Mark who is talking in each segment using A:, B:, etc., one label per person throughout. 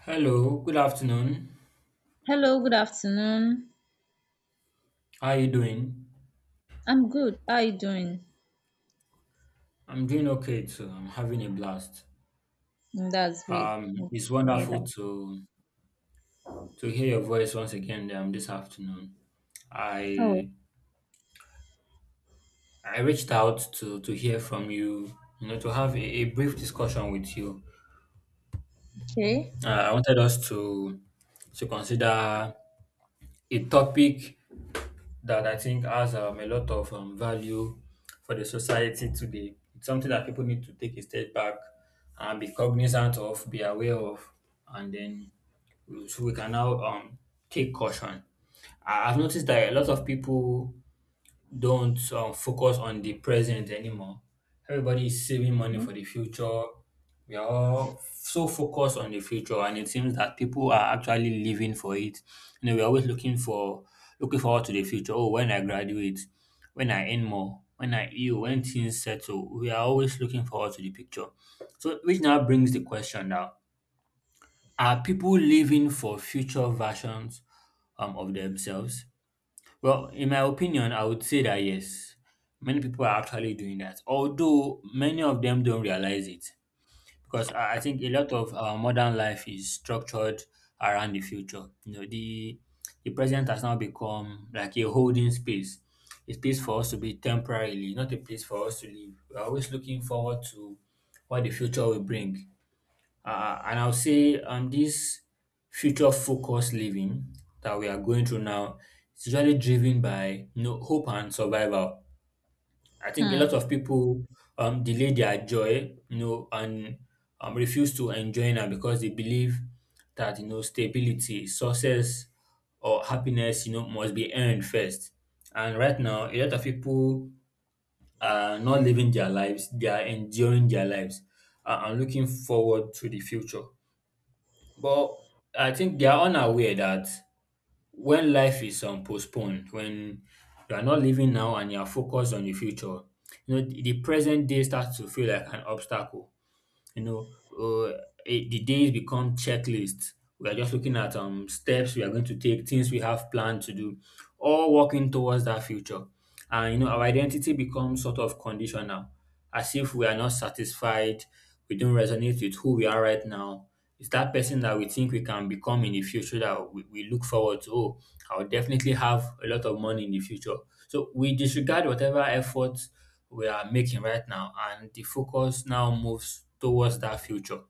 A: Hello, good afternoon.
B: Hello, good afternoon.
A: How are you doing?
B: I'm good. How are you doing?
A: I'm doing okay too. I'm having a blast.
B: Mm, that's great.
A: Um,
B: Mm,
A: it's
B: hear
A: wonderful
B: that.
A: to hear your voice once again this afternoon.
B: Oh,
A: I I reached out to hear from you, you know, to have a brief discussion with you.
B: okay.
A: I wanted us to consider a topic that I think has a lot of value for the society today. It's something that people need to take a step back and be cognizant of, be aware of, and then so we can now take caution. I've noticed that a lot of people don't focus on the present anymore. Everybody is saving money
B: Hmm.
A: for the future. We are all so focused on the future, and it seems that people are actually living for it. You know, we're always looking forward to the future. Oh, when I graduate, when I earn more, when I heal, when things settle. We are always looking forward to the picture. So, which now brings the question now: Are people living for future versions of themselves? Well, in my opinion, I would say that yes, many people are actually doing that, although many of them don't realize it. Because I think a lot of our modern life is structured around the future. You know, the present has now become like a holding space, a space for us to be temporarily, not a place for us to live. We're always looking forward to what the future will bring. And I'll say, this future focused living that we are going through now is usually driven by, you know, hope and survival. I think a
B: Hmm.
A: lot of people delay their joy, you know, and refuse to enjoy now because they believe that, you know, stability, success, or happiness, you know, must be earned first. And right now, a lot of people are not living their lives; they are enjoying their lives and looking forward to the future. But I think they are unaware that when life is postponed, when you are not living now and you are focused on the future, you know, the present day starts to feel like an obstacle. You know, the days become checklists. We are just looking at steps we are going to take, things we have planned to do, all working towards that future. And, you know, our identity becomes sort of conditional, as if we are not satisfied, we don't resonate with who we are right now. It's that person that we think we can become in the future that we look forward to. Oh, I'll definitely have a lot of money in the future. So we disregard whatever efforts we are making right now, and the focus now moves towards that future.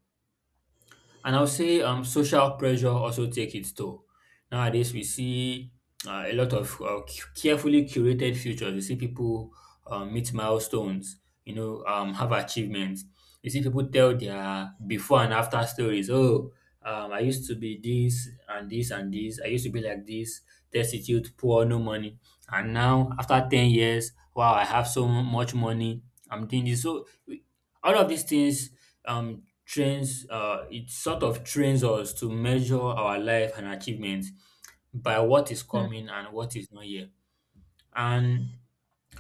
A: And I'll say, social pressure also take its toll. Nowadays, we see a lot of carefully curated futures. We see people meet milestones, you know, have achievements. You see people tell their before and after stories. Oh, I used to be this and this and this. I used to be like this, destitute, poor, no money. And now, after 10 years, wow, I have so much money. I'm doing this. So all of these things trains it sort of trains us to measure our life and achievements by what is coming and what is not here. And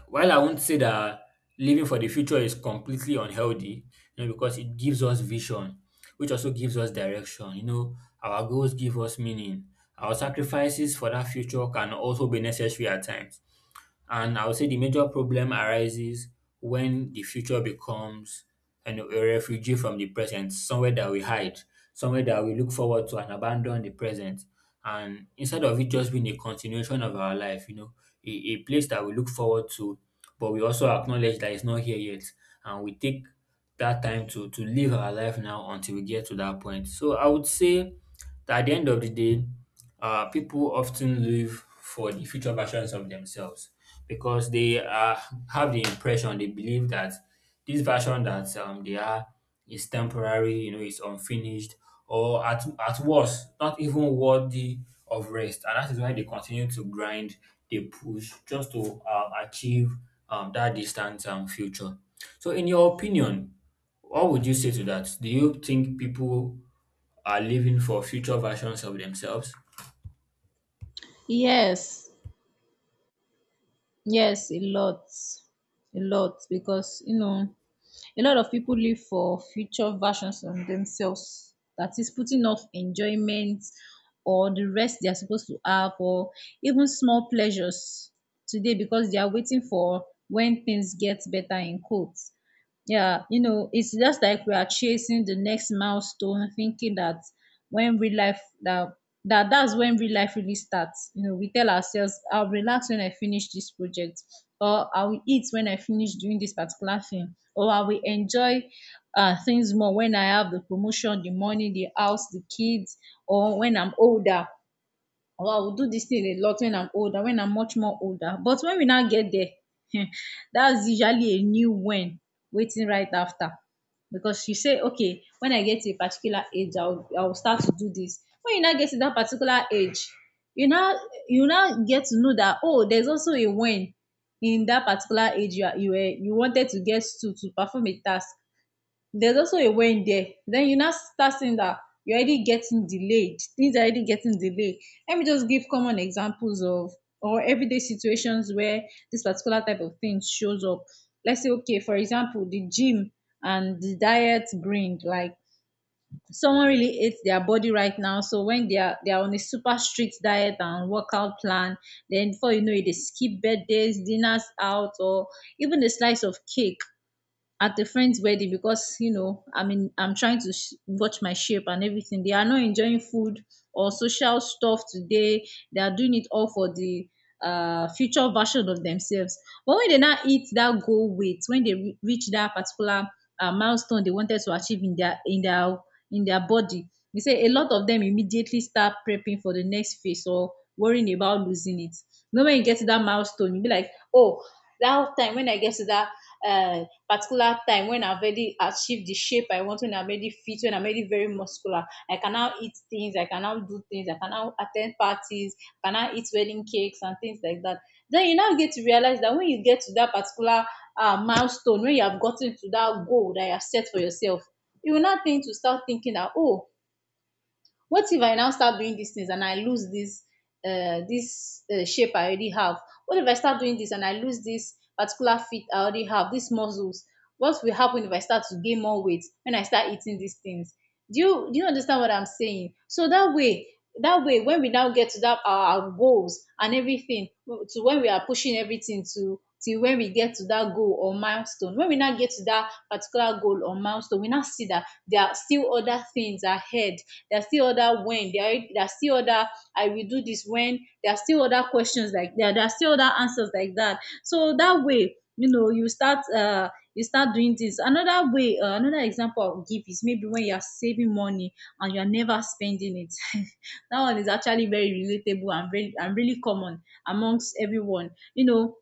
A: while I won't say that living for the future is completely unhealthy, you know, because it gives us vision, which also gives us direction, you know, our goals give us meaning, our sacrifices for that future can also be necessary at times. And I would say the major problem arises when the future becomes, you know, a refugee from the present, somewhere that we hide, somewhere that we look forward to and abandon the present. And instead of it just being a continuation of our life, you know, a place that we look forward to, but we also acknowledge that it's not here yet. And we take that time to live our life now until we get to that point. So I would say that at the end of the day, people often live for the future versions of themselves because they have the impression, they believe that this version that they are is temporary, you know, it's unfinished, or at worst, not even worthy of rest. And that is why they continue to grind, they push just to achieve that distant future. So, in your opinion, what would you say to that? Do you think people are living for future versions of themselves?
B: Yes, yes, a lot, because you know, a lot of people live for future versions of themselves. That is putting off enjoyment or the rest they are supposed to have, or even small pleasures today because they are waiting for when things get better, in quotes. Yeah, you know, it's just like we are chasing the next milestone, thinking that when real life that's when real life really starts. You know, we tell ourselves, I'll relax when I finish this project, or I will eat when I finish doing this particular thing, or I will enjoy things more when I have the promotion, the money, the house, the kids, or when I'm older, or I will do this thing a lot when I'm older, when I'm much more older. But when we now get there, that's usually a new when waiting right after. Because you say, okay, when I get to a particular age, I'll start to do this. When you now get to that particular age, you now you now get to know that, oh, there's also a when in that particular age you are, you wanted to get to perform a task. There's also a when there. Then you now start seeing that you're already getting delayed. Things are already getting delayed. Let me just give common examples of or everyday situations where this particular type of thing shows up. Let's say, okay, for example, the gym and the diet, bring like someone really hates their body right now. So when they are on a super strict diet and workout plan, then before you know it, they skip birthdays, dinners out, or even a slice of cake at a friend's wedding because, you know, I mean, I'm trying to watch my shape and everything. They are not enjoying food or social stuff today. They are doing it all for the future version of themselves. But when they now eat that goal weight, when they reach that particular milestone they wanted to achieve in their in their body, e say a lot of them immediately start prepping for the next phase or worrying about losing it. You know, wen you get to that milestone, you be like, oh, that time when I get to that particular time when I already achieved the shape I want, when I'm already fit, when I'm already very muscular, I can now eat things, I can now do things, I can now attend parties, I can now eat wedding cakes and things like that? Then you now get to realize that when you get to that particular milestone, when you have gotten to that goal that you have set for yourself, you will not think to start thinking that, oh, what if I now start doing these things and I lose this this shape I already have? What if I start doing this and I lose this particular fit? I already have these muscles. What will happen if I start to gain more weight when I start eating these things? Do you understand what I'm saying? So that way, that way, when we now get to that, our goals and everything to, when we are pushing everything to till when we get to that goal or milestone, when we now get to that particular goal or milestone, we now see that there are still other things ahead. There are still other when. There are still other I will do this when. There are still other questions like that. There are still other answers like that. So that way, you know, you start doing this another way. Another example I'll give is maybe when you're saving money and you're never spending it. That one is actually very relatable and very and really common amongst everyone, you know.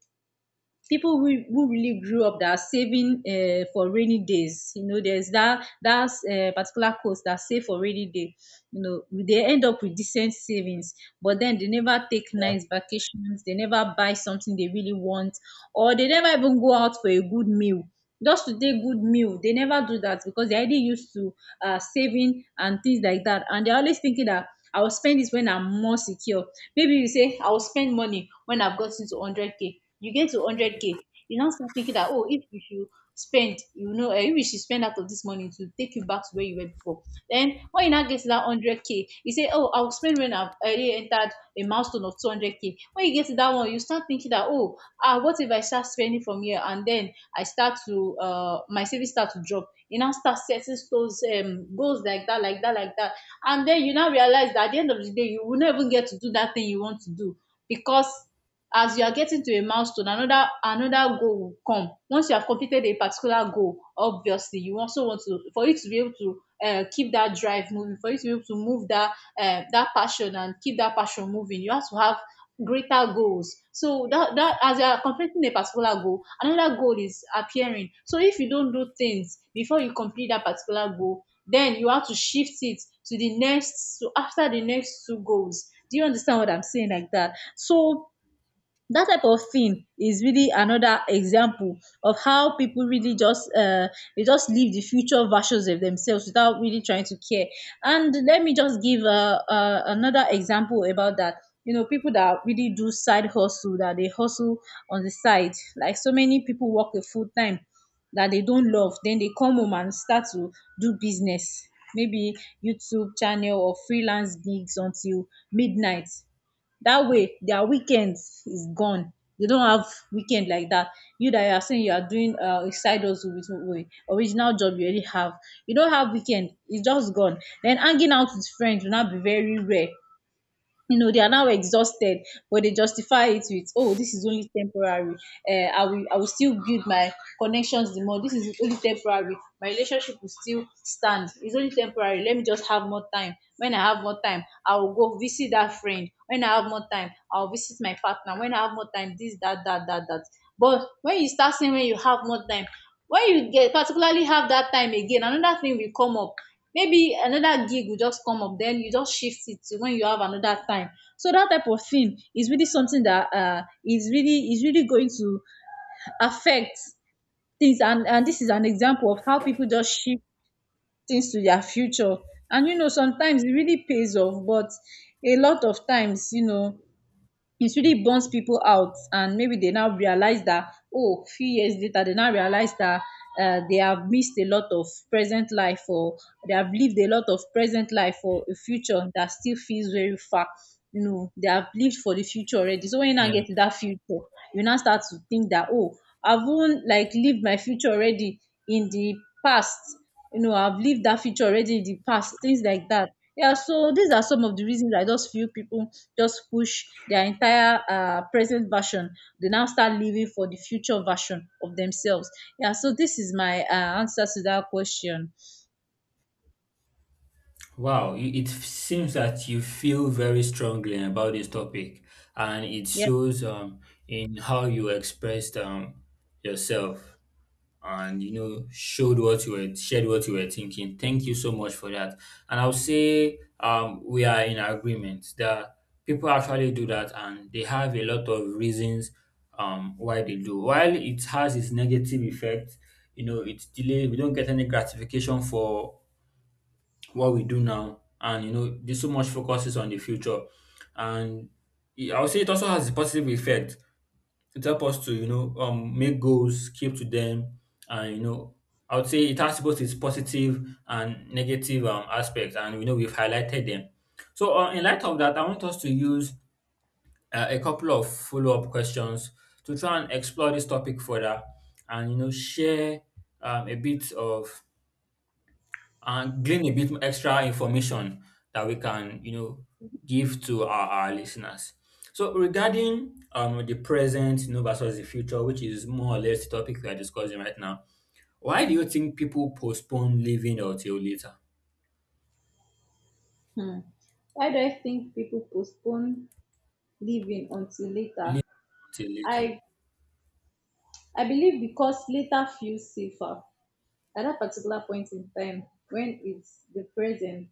B: People who really grew up that are saving for rainy days. You know, there's that particular course that save for rainy day. You know, they end up with decent savings, but then they never take
A: Yeah.
B: nice vacations. They never buy something they really want, or they never even go out for a good meal, just to take good meal. They never do that because they're already used to saving and things like that. And they're always thinking that I will spend this when I'm more secure. Maybe you say, I will spend money when I've gotten to 100K. You get to 100K, you now start thinking that, oh, if you should spend, you know, if you should spend out of this money to take you back to where you were before. Then when you now get to that 100K, you say, oh, I'll spend when I've already entered a milestone of 200K. When you get to that one, you start thinking that, oh, ah, what if I start spending from here, and then I start to my savings start to drop? You now start setting those goals, like that, like that, like that. And then you now realize that at the end of the day, you will not even get to do that thing you want to do, because as you are getting to a milestone, another goal will come. Once you have completed a particular goal, obviously you also want to, for you to be able to keep that drive moving, for you to be able to move that that passion and keep that passion moving, you have to have greater goals, so that as you are completing a particular goal, another goal is appearing. So if you don't do things before you complete that particular goal, then you have to shift it to the next, so after the next two goals. Do you understand what I'm saying? Like that. So that type of thing is really another example of how people really just they just live the future versions of themselves without really trying to care. And let me just give another example about that. You know, people that really do side hustle, that they hustle on the side, like so many people work a full time that they don't love, then they come home and start to do business, maybe YouTube channel or freelance gigs until midnight. That way, their weekends is gone. They don't have weekend like that. You that you are saying you are doing a side hustle with original job you already have. You don't have weekend. It's just gone. Then hanging out with friends will not be very rare. You know, they are now exhausted, but they justify it with, oh, this is only temporary. uh, I will still build my connections the more. This is only temporary. My relationship will still stand. It's only temporary. Let me just have more time. When I have more time, I will go visit that friend. When I have more time, I'll visit my partner. When I have more time, this, that, that, that, that. But when you start saying when you have more time, when you get particularly have that time again, another thing will come up. Maybe another gig will just come up, then you just shift it to when you have another time. So that type of thing is really something that is really going to affect things. And this is an example of how people just shift things to their future. And you know, sometimes it really pays off, but a lot of times, you know, it really burns people out. And maybe they now realize that, oh, few years later, they now realize that they have missed a lot of present life, or they have lived a lot of present life for a future that still feels very far. You know, they have lived for the future already, so when you now
A: Yeah.
B: get to that future, you now start to think that, oh, I've even like lived my future already in the past. You know, I've lived that future already in the past, things like that. Yeah, so these are some of the reasons I just feel people just push their entire present version. They now start living for the future version of themselves. Yeah, so this is my answer to that question.
A: Wow. It seems that you feel very strongly about this topic, and it
B: Yeah.
A: shows in how you expressed yourself. And, you know, showed what you were shared what you were thinking. Thank you so much for that. And I'll say, we are in agreement that people actually do that, and they have a lot of reasons why they do. While it has its negative effect, you know, it's delay, we don't get any gratification for what we do now, and, you know, there's so much focuses on the future. And I would say it also has a positive effect. It help us to, you know, make goals, keep to them. And, you know, I would say it has both its positive and negative aspects, and, you know, we've highlighted them. So in light of that, I want us to use a couple of follow-up questions to try and explore this topic further, and, you know, share a bit of and glean a bit extra information that we can, you know, give to our listeners. So regarding the present, you know, versus the future, which is more or less the topic we are discussing right now, why do you think people postpone living until later?
B: Hmm. Why do I think people postpone living until
A: Living
B: later?
A: until later.
B: I I believe because later feels safer. At that particular point in time, when it's the present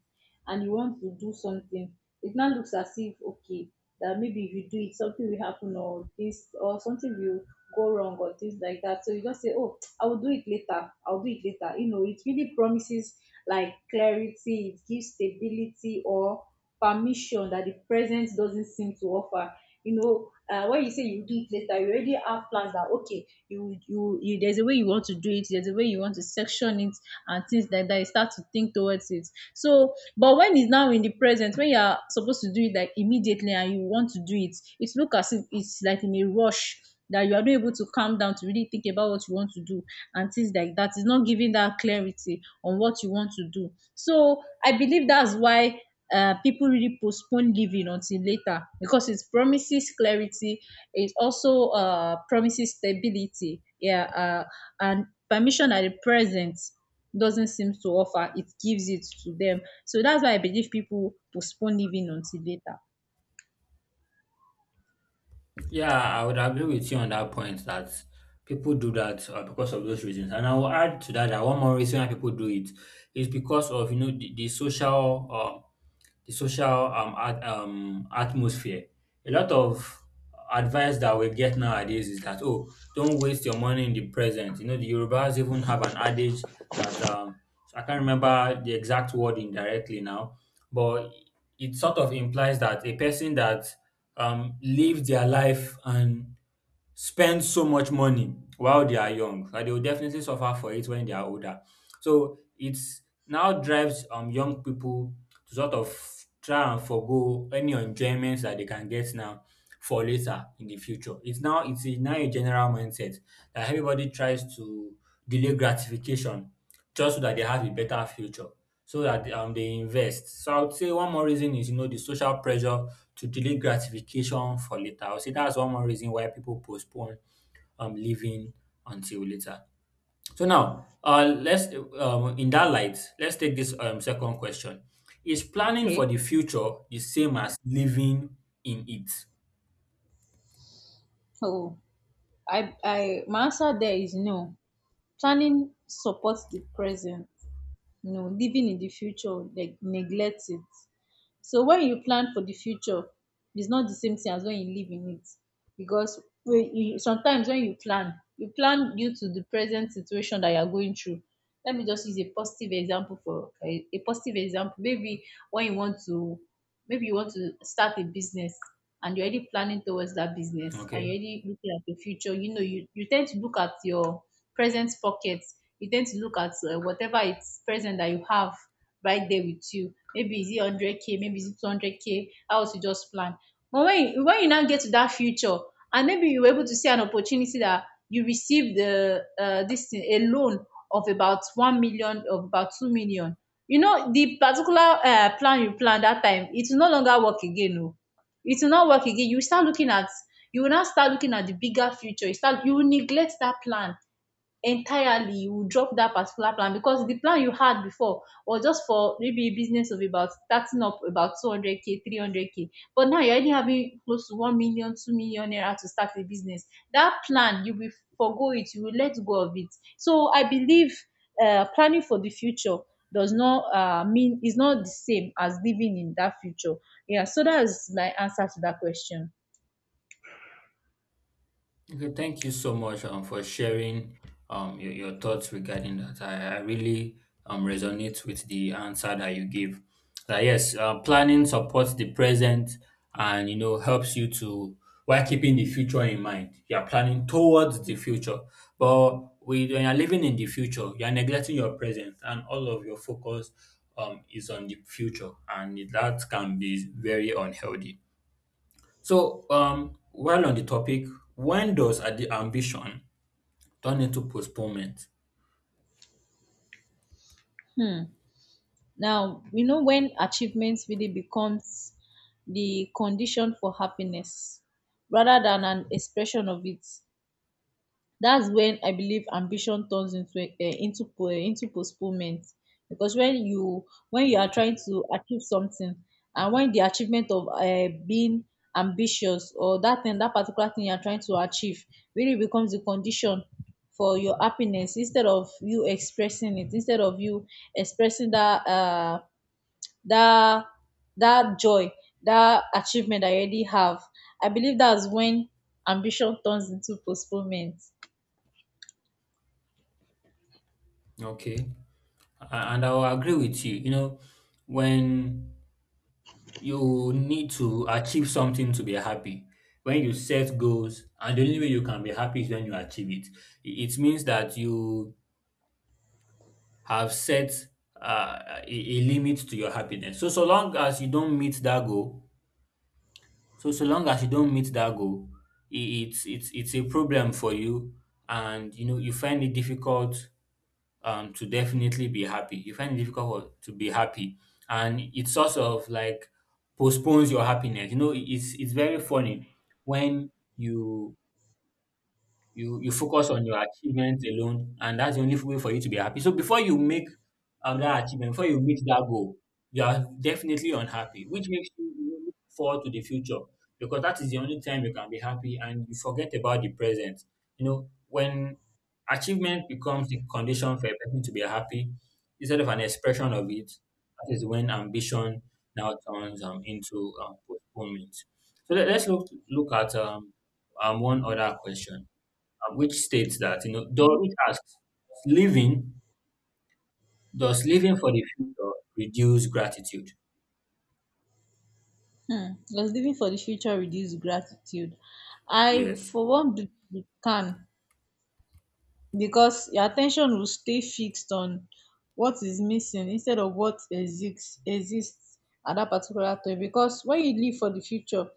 B: and you want to do something, it now looks as if, okay, that maybe if you do it something will happen or this or something will go wrong or things like that. So you just say, oh, I will do it later, I'll do it later. It really promises like clarity, it gives stability or permission that the present doesn't seem to offer. When you say you do it later, you already have plans that, okay, you there's a way you want to do it, there's a way you want to section it and things like that. You start to think towards it. So, but when it's now in the present, when you are supposed to do it like immediately and you want to do it, it looks as if it's like in a rush, that you are not able to calm down to really think about what you want to do and things like that. It's not giving that clarity on what you want to do. So I believe that's why people really postpone giving until later, because it promises clarity. It also promises stability. Yeah, and permission at the present doesn't seem to offer. It gives it to them. So that's why I believe people postpone giving until later.
A: Yeah, I would agree with you on that point that people do that because of those reasons. And I will add to that that one more reason why people do it is because of, you know, the social at, atmosphere. A lot of advice that we get nowadays is that, oh, don't waste your money in the present. You know, the Yorubas even have an adage that I can't remember the exact word indirectly now, but it sort of implies that a person that lives their life and spend so much money while they are young and they will definitely suffer for it when they are older. So it now drives young people to sort of try and forgo any enjoyments that they can get now for later in the future. It's now a general mindset that everybody tries to delay gratification just so that they have a better future. So that they invest. So I would say one more reason is, you know, the social pressure to delay gratification for later. I would say that's one more reason why people postpone leaving until later. So now, let's in that light, let's take this second question. Is planning
B: Okay.
A: for the future the same as living in it?
B: So I, my answer there is no. Planning supports the present. No, living in the future, like, neglect it. So when you plan for the future, it's not the same thing as when you live in it. Because when you, sometimes when you plan due to the present situation that you are going through. Let me just use a positive example, for a positive example. Maybe when you want to, maybe you want to start a business and you're already planning towards that business and you're
A: Okay.
B: already looking at the future. You know, you tend to look at your present pockets. You tend to look at whatever it's present that you have right there with you. Maybe is it 100k, maybe is it 200k, how to just plan. But when you now get to that future, and maybe you were able to see an opportunity that you received the this thing, a loan of about 1 million, of about 2 million. You know, the particular plan you plan that time, it will no longer work again. No, it will not work again. You start looking at, you will now start looking at the bigger future. You start, you will neglect that plan entirely, you drop that particular plan, because the plan you had before was just for maybe a business of about starting up about 200k 300k, but now you're already having close to 1 million, 2 million naira to start a business. That plan you will forgo it, you will let go of it. So I believe planning for the future does not mean, is not the same as living in that future. Yeah, so that's my answer to that question.
A: Okay, thank you so much for sharing your thoughts regarding that. I really resonate with the answer that you gave. That yes, planning supports the present and, you know, helps you to, while keeping the future in mind. You are planning towards the future, but when you are living in the future, you are neglecting your present, and all of your focus is on the future, and that can be very unhealthy. So, while on the topic, when does the ambition turn into postponement?
B: Hmm. Now, you know, when achievements really becomes the condition for happiness rather than an expression of it, that's when I believe ambition turns into into postponement. Because when you are
A: Okay,
B: trying to achieve something, and when the achievement of being ambitious or that thing, that particular thing you are trying to achieve, really becomes the condition for your happiness instead of you expressing it, instead of you expressing that. That, that joy, that achievement I already have. I believe that's when ambition turns into postponement.
A: okay, And I will agree with you. You know, when you need to achieve something to be happy, when you set goals, and the only way you can be happy is when you achieve it. It means that you have set a limit to your happiness. So, so long as you don't meet that goal, So so long as you don't it's a problem for you, and, you know, you find it difficult to definitely be happy. You find it difficult to be happy, and it sort of like postpones your happiness. You know, it's very funny when you you focus on your achievement alone, and that's the only way for you to be happy. So before you make that achievement, before you meet that goal, you are definitely unhappy, which makes you look forward to the future because that is the only time you can be happy and you forget about the present. You know, when achievement becomes the condition for a person to be happy instead of an expression of it, that is when ambition now turns into postponement. So let us look at one other question which states that, you know, does
B: Okay.
A: it asks living, does living for the future reduce gratitude?
B: Hmm. Does living for the future reduces gratitude? I,
A: Yes.
B: for one, believe it can, because your attention will stay fixed on what is missing instead of what exists at that particular time. Because when you live for the future,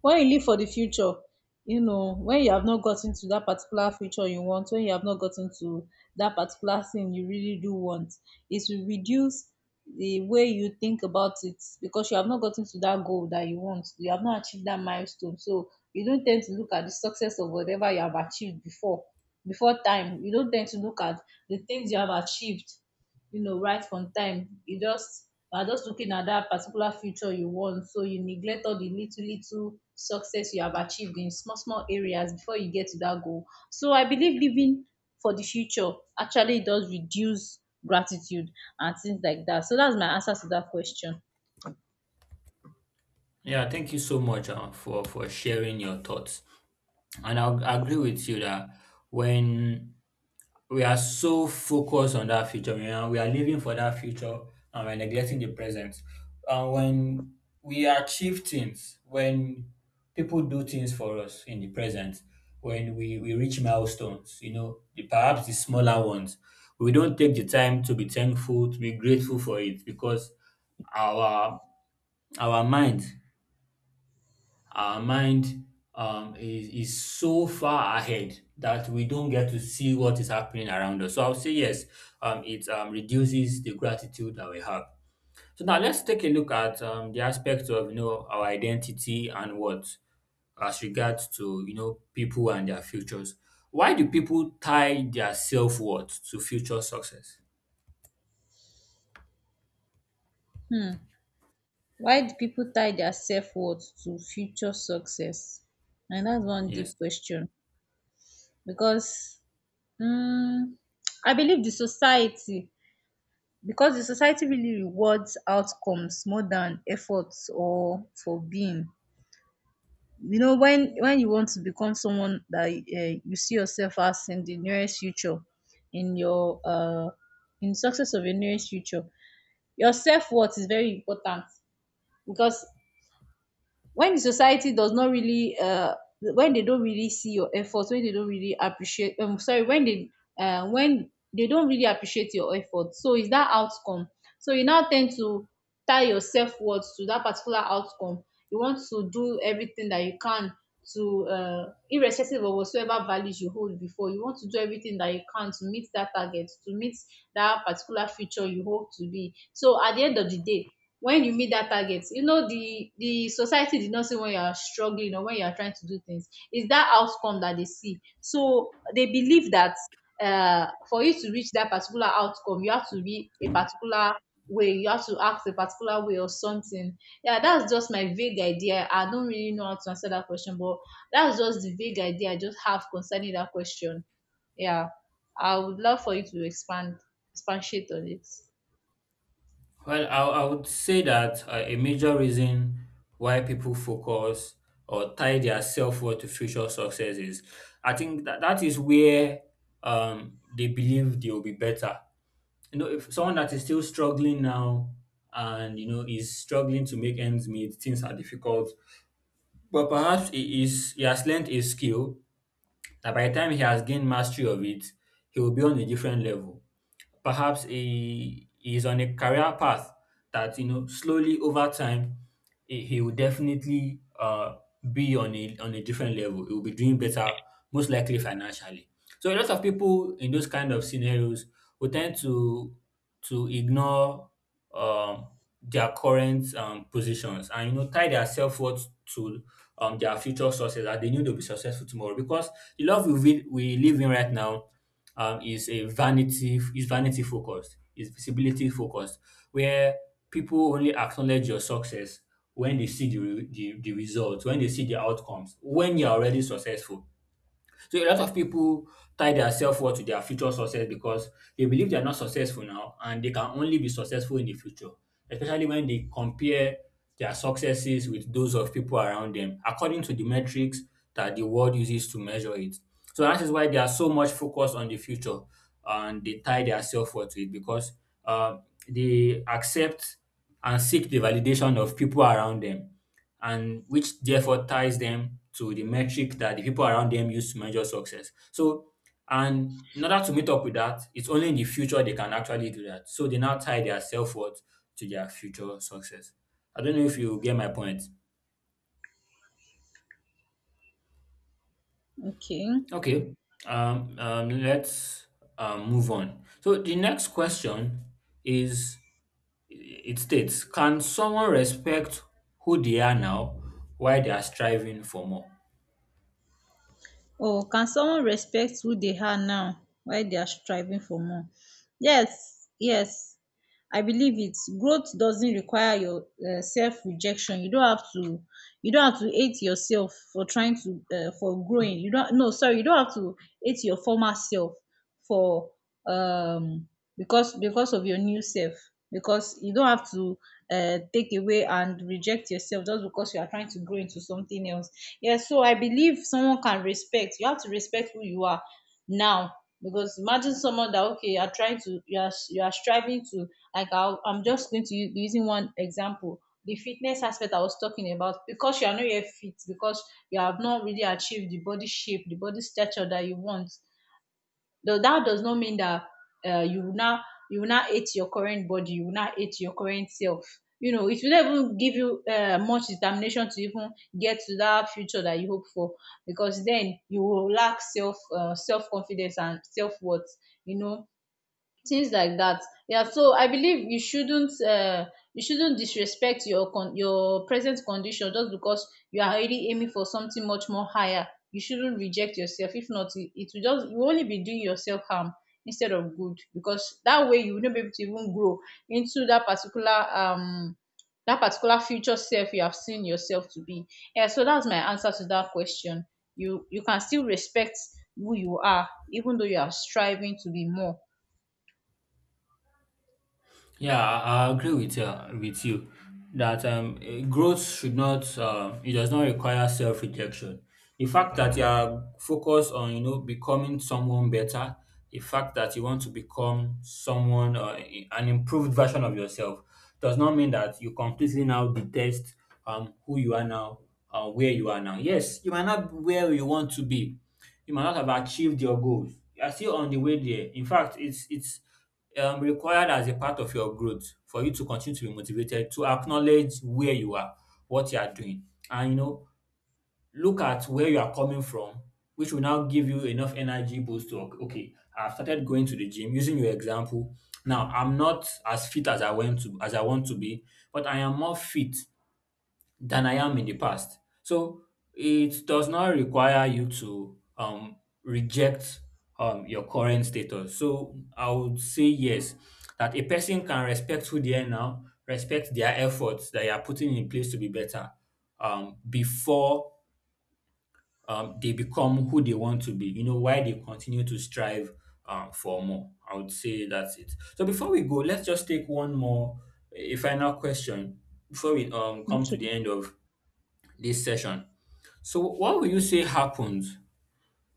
B: when you live for the future you know, when you have not gotten to that particular future you want, when you have not gotten to that particular thing you really do want, it will reduce the way you think about it, because you have not gotten to that goal that you want, you have not achieved that milestone. So you don't tend to look at the success of whatever you have achieved before, before time you don't tend to look at the things you have achieved. You know, right from time you just, you are just looking at that particular future you want. So you neglect all the little little success you have achieved in small small areas before you get to that goal. So I believe living for the future actually does reduce gratitude and things like that. So that's my answer to that question.
A: Yeah, thank you so much for sharing your thoughts, and I agree with you that when we are so focused on that future. We are living for that future and we're neglecting the present. And when we achieve things, when people do things for us in the present, when we reach milestones, you know, the, perhaps the smaller ones, we don't take the time to be thankful, to be grateful for it because our our mind our mind is so far ahead that we don't get to see what is happening around us. So I'll say yes, it reduces the gratitude that we have. So now let's take a look at the aspect of, you know, our identity and what as regards to, you know, people and their futures. Why do people tie their self worth to future success?
B: Hmm. Why do people tie their self-worth to future success? And that's one
A: Yes.
B: deep question. Because um I believe the society, because the society really rewards outcomes more than efforts or for being. You know, when you want to become someone that you see yourself as in the nearest future, in your in success of your nearest future, your self worth is very important. Because when the society does not really when they don't really see your efforts, when they don't really appreciate sorry, when they don't really appreciate your efforts, so it's that outcome. So you now tend to tie your self-worth to that particular outcome. You want to do everything that you can to irrespective of whatsoever values you hold before, you want to do everything that you can to meet that target, to meet that particular future you hope to be. So at the end of the day, when you meet that target, you know, the society did not see when you are struggling or when you are trying to do things, it's that outcome that they see. So they believe that for you to reach that particular outcome, you have to be a particular way, you have to act a particular way or something. Yeah, that's just my vague idea. I don't really know how to answer that question, but that's just the vague idea I just have concerning that question. Yeah, I would love for you to expand, expatiate on it.
A: Well, I would say that a major reason why people focus or tie their self worth to future success is, I think that, that is where they believe they will be better. You know, if someone that is still struggling now and you know is struggling to make ends meet, things are difficult. But perhaps he has learned a skill that by the time he has gained mastery of it, he will be on a different level. Perhaps he is on a career path that, you know, slowly over time he will definitely be on a different level. He will be doing better, most likely financially. So a lot of people in those kind of scenarios will tend to ignore um, their current positions and, you know, tie their self worth to their future sources that they knew they'll be successful tomorrow because the love we live in right now is vanity focused, is visibility focused, where people only acknowledge your success when they see the results, when they see the outcomes, when you're already successful. So a lot of people tie their self-worth to their future success because they believe they're not successful now and they can only be successful in the future, especially when they compare their successes with those of people around them, according to the metrics that the world uses to measure it. So that is why they are so much focused on the future and they tie their self-worth to it because uh, they accept and seek the validation of people around them and which therefore ties them to the metric that the people around them use to measure success. So, and in order to meet up with that, it's only in the future they can actually do that. So they now tie their self worth to their future success. I don't know if you get my point.
B: Okay.
A: Okay. Let's move on. So the next question is, it states, can someone respect who they are now while they are striving for more?
B: Or can someone respect who they are now while they are striving for more? Yes, yes, I believe it. Growth doesn't require your self-rejection. You don't have to. You don't have to hate yourself for trying to for growing. You don't. No, sorry. You don't have to hate your former self for um because of your new self. Because you don't have to take away and reject yourself just because you are trying to grow into something else. Yeah, so I believe someone can respect. You have to respect who you are now. Because imagine someone that, okay, you are trying to, you are striving to. Like I'm just going to use, using one example, the fitness aspect I was talking about. Because you are not yet fit, because you have not really achieved the body shape, the body stature that you want. Though that does not mean that uh, you will now you will now hate your current body, you will now hate your current self. You know, it will not even give you much determination to even get to that future that you hope for, because then you will lack self self confidence and self worth. You know, things like that. Yeah, so I believe you shouldn't disrespect your your present condition just because you are already aiming for something much more higher. You shouldn't reject yourself, if not it will just, you will only be doing yourself harm instead of good, because that way you will not be able to even grow into um that particular future self you have seen yourself to be. Yeah, so that's my answer to that question. You can still respect who you are even though you are striving to be more.
A: Yeah, I agree with you that growth should not it does not require self rejection. The fact that you are focused on, you know, becoming someone better, the fact that you want to become someone an improved version of yourself does not mean that you completely now detest who you are now, where you are now. Yes, you might not be where you want to be, you might not have achieved your goals. You are still on the way there. In fact, it's required as a part of your growth for you to continue to be motivated, to acknowledge where you are, what you are doing, and, you know, look at where you are coming from, which will now give you enough energy boost to okay, I've started going to the gym using your example. Now I'm not as fit as I want to be, but I am more fit than I am in the past. So it does not require you to reject your current status. So I would say yes, that a person can respect who they are now, respect their efforts that you are putting in place to be better before they become who they want to be, you know, why they continue to strive for more. I would say that's it. So before we go, let's just take one more, a final question before we come to the end of this session. So, what will you say happens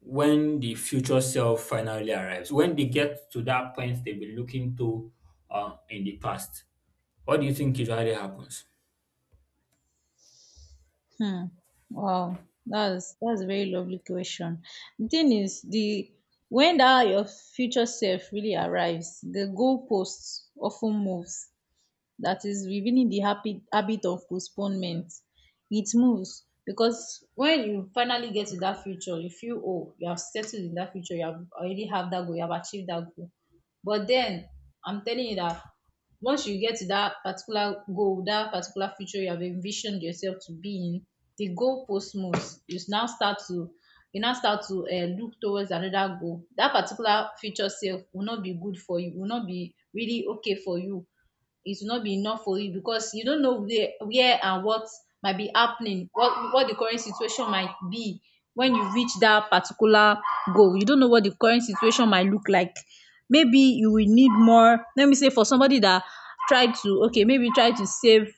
A: when the future self finally arrives? When they get to that point they've been looking to in the past, what do you think usually happens?
B: Hmm. Wow, that's a very lovely question. The thing is, the when that your future self really arrives, the goalposts often moves, that is revealing the happy habit of postponement. It moves because when you finally get to that future, you feel, oh, you have settled in that future, you have already have that goal, you have achieved that goal. But then, I'm telling you that once you get to that particular goal, that particular future you have envisioned yourself to be in, the goalpost moves. You now start to, look towards another goal. That particular future self will not be good for you, will not be really okay for you, it will not be enough for you, because you don't know where and what might be happening, what the current situation might be when you reach that particular goal. You don't know what the current situation might look like. Maybe you will need more. Let me say for somebody that tried to, okay, maybe try to save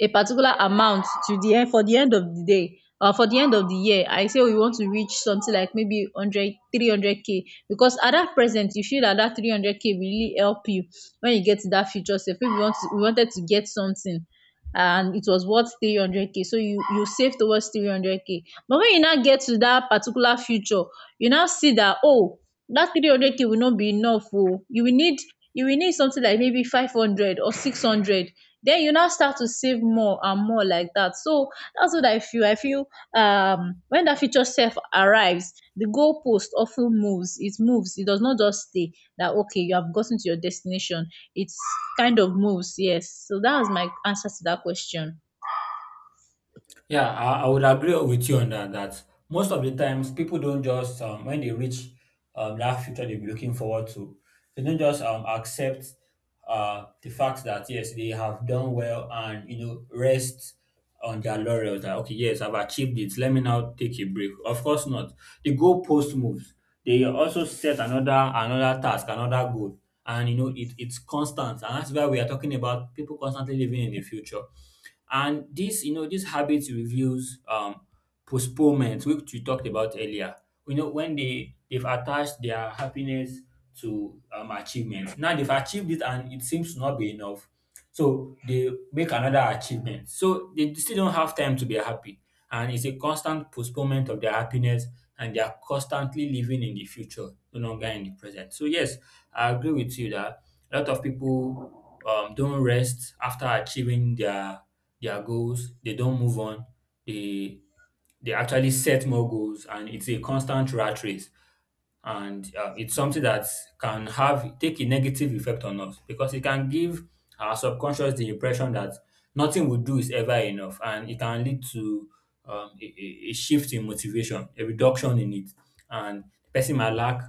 B: a particular amount to the end, for the end of the day or for the end of the year. I say we want to reach something like maybe one hundred three hundred k, because at that present you feel that that 300k will really help you. When you get to that future self, if you want to, you wanted to get something and it was worth 300k, so you save towards 300k. But when you now get to that particular future, you now see that, oh, that 300k will not be enough, oh, you will need, you will need something like maybe 500 or 600. Then you now start to save more and more like that. So that's what I feel. I feel wen dat future self arrives, the goalpost often moves. It moves, it does not just stay. That okay, you have gotten to your destination. Its kind of moves. Yes, so that was my answer to that question.
A: Yeah, I would agree with you on that. That most of the times people don't just when they reach that future they'll be looking forward to, they don't just accept the fact that yes they have done well and, you know, rest on their laurels. That okay, yes, I've achieved it. Let me now take a break. Of course not. The goalpost moves. They also set another task, another goal, and you know it's constant, and that's why we are talking about people constantly living in the future and this, you know, this habit reveals postponement, which we talked about earlier. You know, when they've attached their happiness to achievement. Now they've achieved it, and it seems to not be enough. So they make another achievement. So they still don't have time to be happy, and it's a constant postponement of their happiness, and they are constantly living in the future, no longer in the present. So yes, I agree with you that a lot of people don't rest after achieving their goals, they don't move on, they they actually set more goals and it's a constant rat race and it's something that can have take a negative effect on us because it can give our subconscious the impression that nothing we do is ever enough and it can lead to a shift in motivation, a reduction in it and the person might lack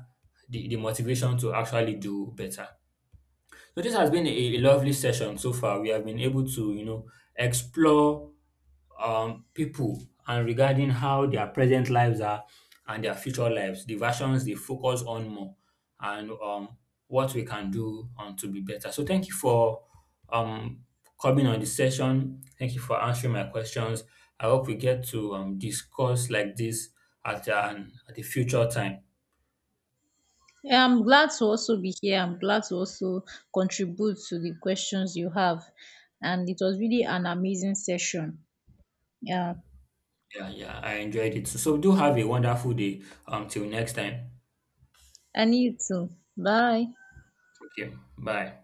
A: the motivation to actually do better. So this has been a lovely session so far. We have been able to, you know, explore people and regarding how their present lives are and their future lives, the versions they focus on more, and what we can do to be better. So thank you for um, coming on the session. Thank you for answering my questions. I hope we get to discuss like this at a future time.
B: Yeah, I'm glad to also be here, I'm glad to also contribute to the questions you have, and it was really an amazing session. Yeah.
A: Yeah, yeah, I enjoyed it. So, so do have a wonderful day. Till next time.
B: And you too. Bye.
A: Thank you. Bye.